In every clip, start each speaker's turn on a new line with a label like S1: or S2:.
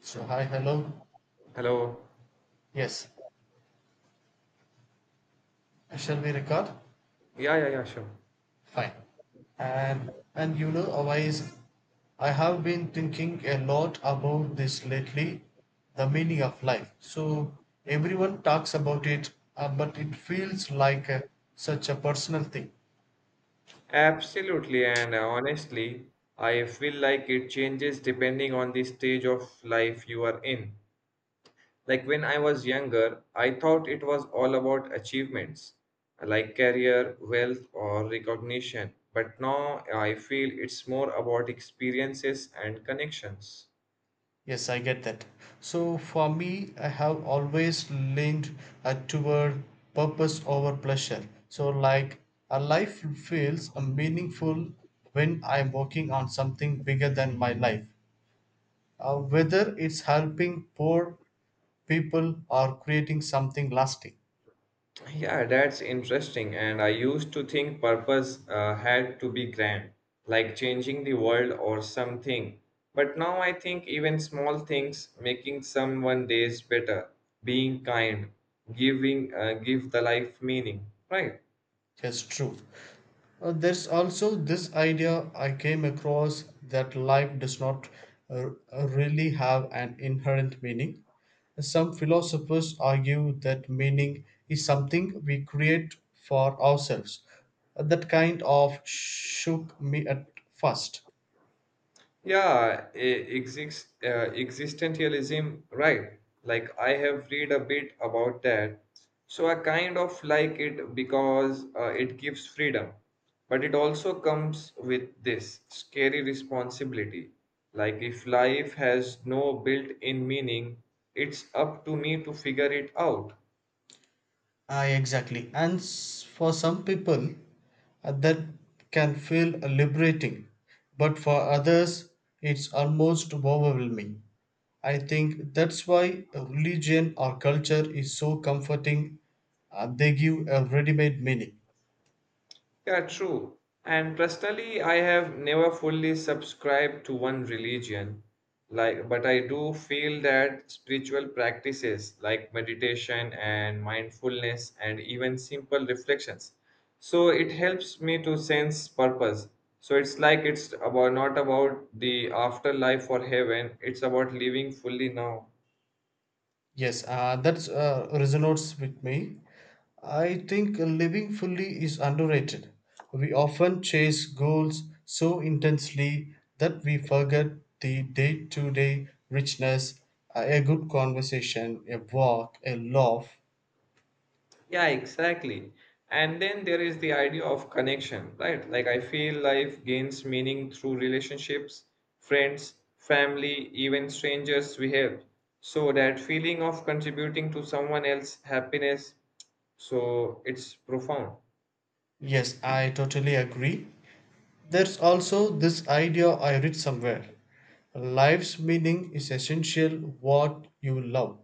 S1: So hi, hello.
S2: Hello.
S1: Yes. Shall we record?
S2: Yeah, yeah, yeah, sure.
S1: Fine. Otherwise, I have been thinking a lot about this lately, the meaning of life. So everyone talks about it, but it feels like such a personal thing.
S2: Absolutely. And honestly, I feel like it changes depending on the stage of life you are in. Like when I was younger, I thought it was all about achievements, like career, wealth, or recognition. But now I feel it's more about experiences and connections.
S1: Yes, I get that. So for me, I have always leaned toward purpose over pleasure. So, like, a life feels meaningful when I'm working on something bigger than my life. Whether it's helping poor people or creating something lasting.
S2: Yeah, that's interesting. And I used to think purpose had to be grand, like changing the world or something. But now I think even small things, making someone days better, being kind, giving give the life meaning, right?
S1: Yes, true. There's also this idea I came across that life does not uh, really have an inherent meaning. Some philosophers argue that meaning is something we create for ourselves. That kind of shook me at first.
S2: Yeah, existentialism, right? Like I have read a bit about that. So I kind of like it because it gives freedom, but it also comes with this scary responsibility. Like if life has no built-in meaning, it's up to me to figure it out.
S1: Ah, exactly. For some people, that can feel liberating, but for others, it's almost overwhelming. I think that's why religion or culture is so comforting. They give a ready made meaning.
S2: Yeah, true. And personally, I have never fully subscribed to one religion. Like, but I do feel that spiritual practices like meditation and mindfulness and even simple reflections. So it helps me to sense purpose. So it's like it's about not about the afterlife or heaven, it's about living fully now.
S1: Yes, that resonates with me. I think living fully is underrated. We often chase goals so intensely that we forget the day to day richness, a good conversation, a walk, a laugh.
S2: Yeah, exactly. And then there is the idea of connection, right? Like I feel life gains meaning through relationships, friends, family, even strangers we help. So that feeling of contributing to someone else's happiness, so it's profound.
S1: Yes, I totally agree. There's also this idea I read somewhere life's meaning is essential what you love.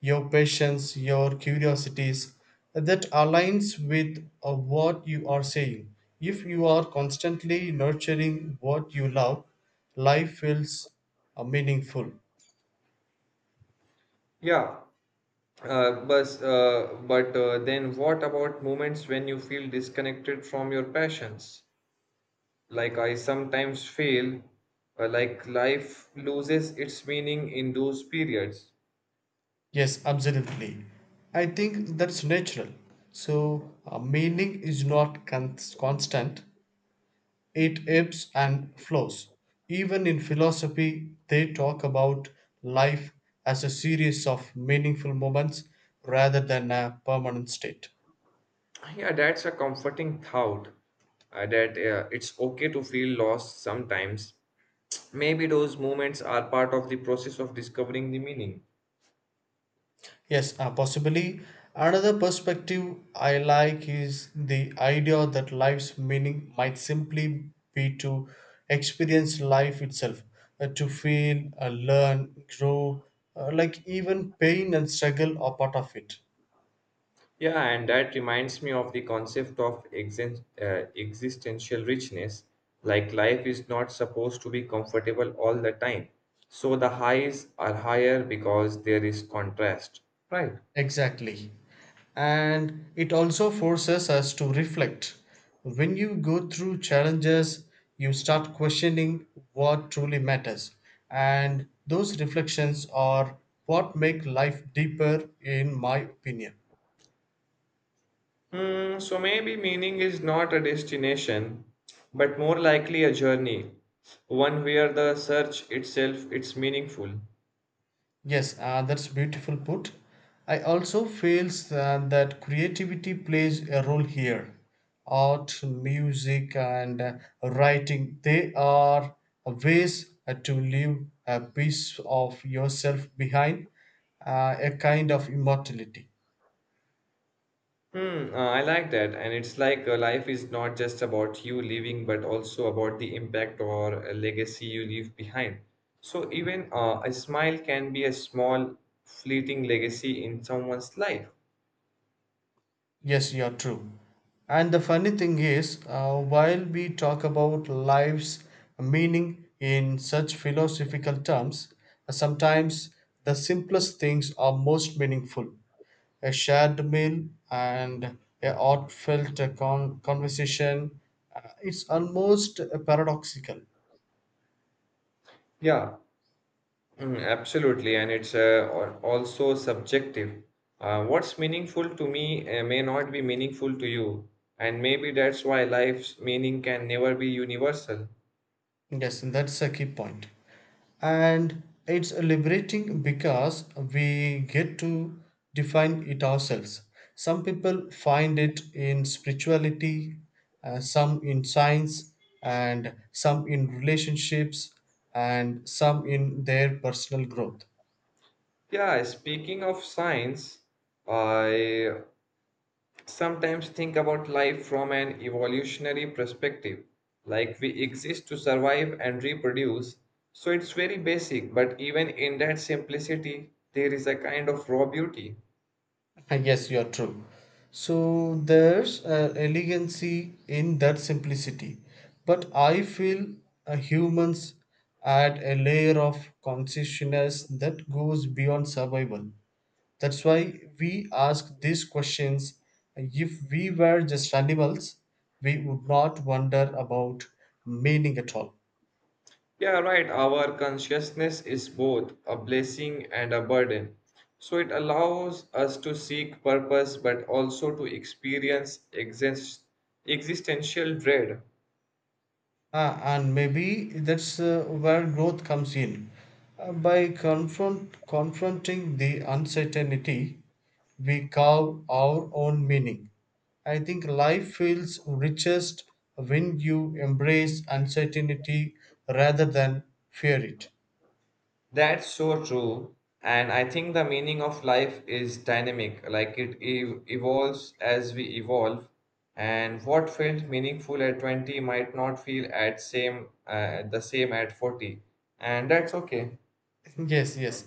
S1: Your passions, your curiosities that aligns with what you are saying. If you are constantly nurturing what you love, life feels meaningful.
S2: Yeah, but then what about moments when you feel disconnected from your passions? Like, I sometimes feel like life loses its meaning in those periods.
S1: Yes, absolutely. I think that's natural. So, meaning is not con- constant. It ebbs and flows. Even in philosophy, they talk about life as a series of meaningful moments rather than a permanent state.
S2: Yeah, that's a comforting thought that it's okay to feel lost sometimes. Maybe those moments are part of the process of discovering the meaning.
S1: Yes, possibly. Another perspective I like is the idea that life's meaning might simply be to experience life itself, to feel, learn, grow, like even pain and struggle are part of it.
S2: Yeah, and that reminds me of the concept of existential richness. Like life is not supposed to be comfortable all the time. So the highs are higher because there is contrast, right?
S1: Exactly. And it also forces us to reflect. When you go through challenges, you start questioning what truly matters. And those reflections are what make life deeper, in my opinion.
S2: So maybe meaning is not a destination, but more likely a journey, one where the search itself it's meaningful.
S1: Yes, that's beautiful put. I also feels that creativity plays a role here. Art, music, and writing they are ways to leave a piece of yourself behind, a kind of immortality.
S2: I like that, and it's like life is not just about you living, but also about the impact or a legacy you leave behind. So even a smile can be a small, fleeting legacy in someone's life.
S1: Yes, you're true. And the funny thing is, while we talk about life's meaning in such philosophical terms, sometimes the simplest things are most meaningful. A shared meal and a heartfelt conversation. It's almost paradoxical.
S2: Yeah, absolutely, and it's also subjective. What's meaningful to me may not be meaningful to you, and maybe that's why life's meaning can never be universal.
S1: Yes, and that's a key point. And it's liberating because we get to define it ourselves. Some people find it in spirituality, some in science, and some in relationships, and some in their personal growth.
S2: Yeah, speaking of science, I sometimes think about life from an evolutionary perspective. Like we exist to survive and reproduce, so it's very basic, but even in that simplicity, there is a kind of raw beauty.
S1: Ah, yes, you are true. So there's an elegancy in that simplicity. But I feel humans add a layer of consciousness that goes beyond survival. That's why we ask these questions. If we were just animals, we would not wonder about meaning at all.
S2: Yeah, right. Our consciousness is both a blessing and a burden. So it allows us to seek purpose but also to experience existential dread.
S1: Ah, and maybe that's where growth comes in. By confronting the uncertainty, we carve our own meaning. I think life feels richest when you embrace uncertainty rather than fear it.
S2: That's so true. And I think the meaning of life is dynamic, like evolves as we evolve. And what felt meaningful at 20 might not feel at same the same at 40. And that's okay.
S1: Yes, yes.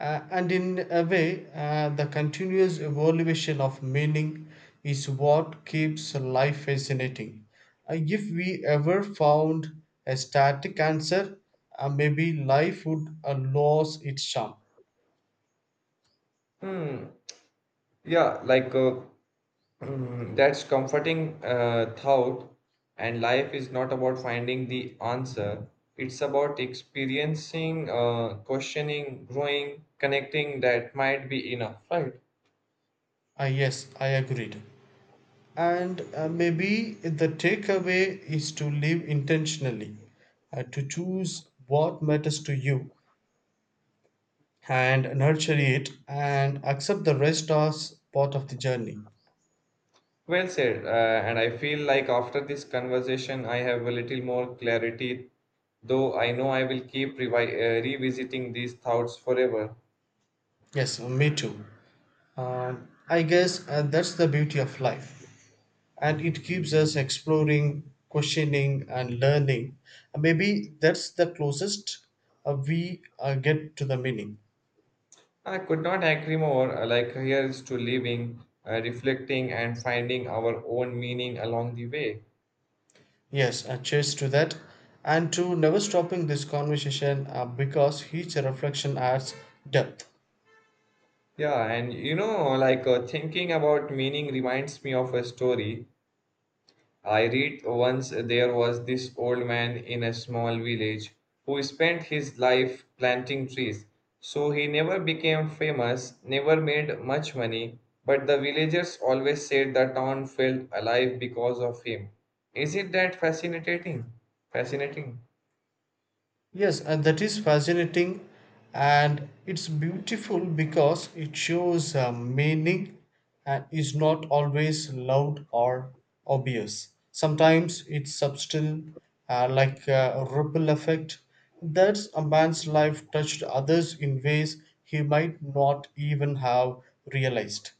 S1: And in a way, the continuous evaluation of meaning is what keeps life fascinating. If we ever found a static answer, maybe life would lose its charm.
S2: Hmm. Yeah, like uh, Mm, That's comforting thought, and life is not about finding the answer. It's about experiencing, questioning, growing, connecting. That might be enough, right?
S1: Yes, I agreed. And maybe the takeaway is to live intentionally, to choose what matters to you and nurture it and accept the rest as part of the journey.
S2: Well said. And I feel like after this conversation, I have a little more clarity, though I know I will keep revisiting these thoughts forever.
S1: Yes, me too. I guess that's the beauty of life, and it keeps us exploring, questioning, and learning. And maybe that's the closest we get to the meaning.
S2: I could not agree more. Like, here's to living, reflecting, and finding our own meaning along the way.
S1: Yes, cheers to that, and to never stopping this conversation because each reflection adds depth.
S2: Yeah, and you know, like thinking about meaning reminds me of a story I read once. There was this old man in a small village who spent his life planting trees. So he never became famous, never made much money, but the villagers always said the town felt alive because of him. Is it that fascinating? Fascinating.
S1: Yes, and that is fascinating and it's beautiful because it shows a meaning and is not always loud or obvious. Sometimes it's subtle, like a ripple effect. That's a man's life touched others in ways he might not even have realized.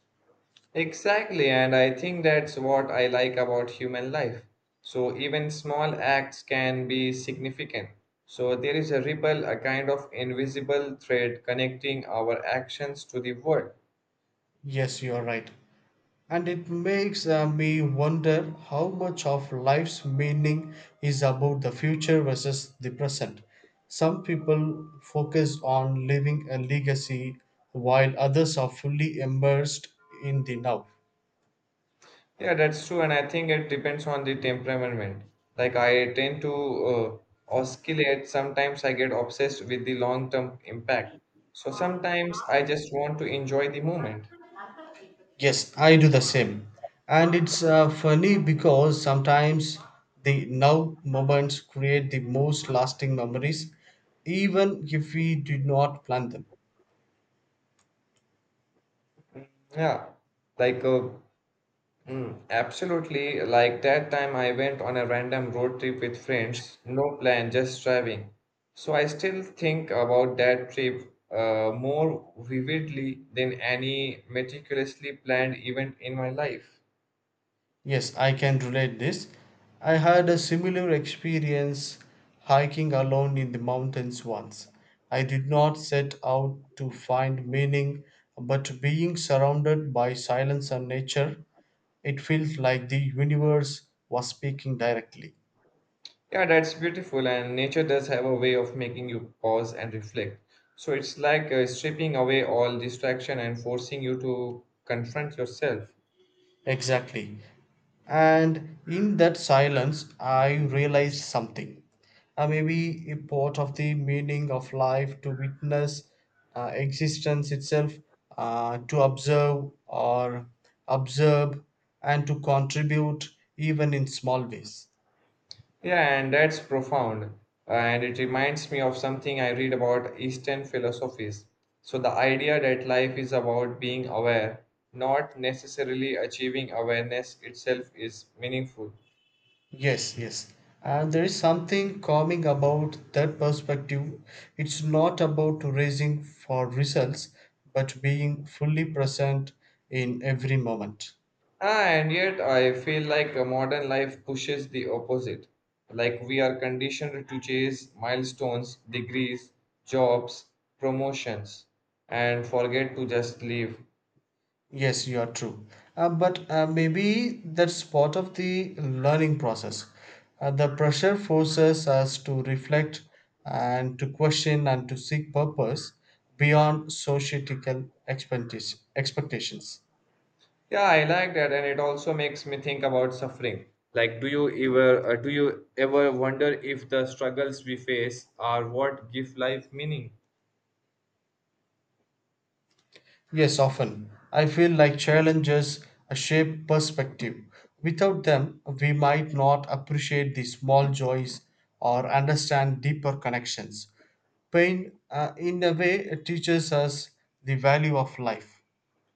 S2: Exactly, and I think that's what I like about human life. So, even small acts can be significant. So, there is a ripple, a kind of invisible thread connecting our actions to the world.
S1: Yes, you are right. And it makes me wonder how much of life's meaning is about the future versus the present. Some people focus on leaving a legacy while others are fully immersed in the now.
S2: Yeah, that's true, and I think it depends on the temperament. Like, I tend to uh, oscillate, sometimes I get obsessed with the long term impact. So, sometimes I just want to enjoy the moment.
S1: Yes, I do the same. And it's funny because sometimes the now moments create the most lasting memories, even if we did not plan them.
S2: Yeah, like uh, absolutely. Like that time I went on a random road trip with friends, no plan, just driving. So I still think about that trip more vividly than any meticulously planned event in my life.
S1: Yes, I can relate this. I had a similar experience hiking alone in the mountains once. I did not set out to find meaning, but being surrounded by silence and nature, it felt like the universe was speaking directly.
S2: Yeah, that's beautiful, and nature does have a way of making you pause and reflect. So it's like stripping away all distraction and forcing you to confront yourself.
S1: Exactly. And in that silence, I realized something. Maybe a part of the meaning of life to witness existence itself, to observe or observe, and to contribute even in small ways.
S2: Yeah, and that's profound. And it reminds me of something I read about Eastern philosophies. So, the idea that life is about being aware, not necessarily achieving awareness itself, is meaningful.
S1: Yes, yes. And there is something calming about that perspective. It's not about racing for results, but being fully present in every moment.
S2: Ah, and yet, I feel like a modern life pushes the opposite. Like, we are conditioned to chase milestones, degrees, jobs, promotions, and forget to just live.
S1: Yes, you are true. But maybe that's part of the learning process. The pressure forces us to reflect and to question and to seek purpose beyond societal expectations.
S2: Yeah, I like that, and it also makes me think about suffering. Like, do you ever wonder if the struggles we face are what give life meaning?
S1: Yes, often. I feel like challenges shape perspective. Without them, we might not appreciate the small joys or understand deeper connections. Pain, in a way, teaches us the value of life.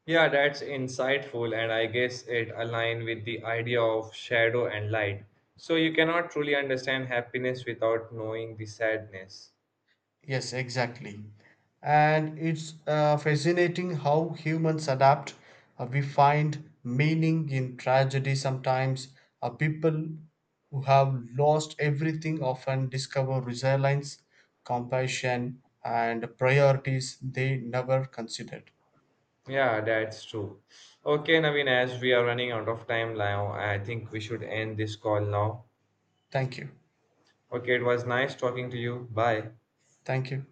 S2: Yeah, that's insightful, and I guess it aligns with the idea of shadow and light. So you cannot truly understand happiness without knowing the sadness.
S1: Yes, exactly. And it's fascinating how humans adapt. We find meaning in tragedy sometimes. People who have lost everything often discover resilience, compassion, and priorities they never considered.
S2: Yeah, that's true. Okay, Naveen, as we are running out of time now, I think we should end this call now.
S1: Thank you.
S2: Okay, it was nice talking to you. Bye.
S1: Thank you.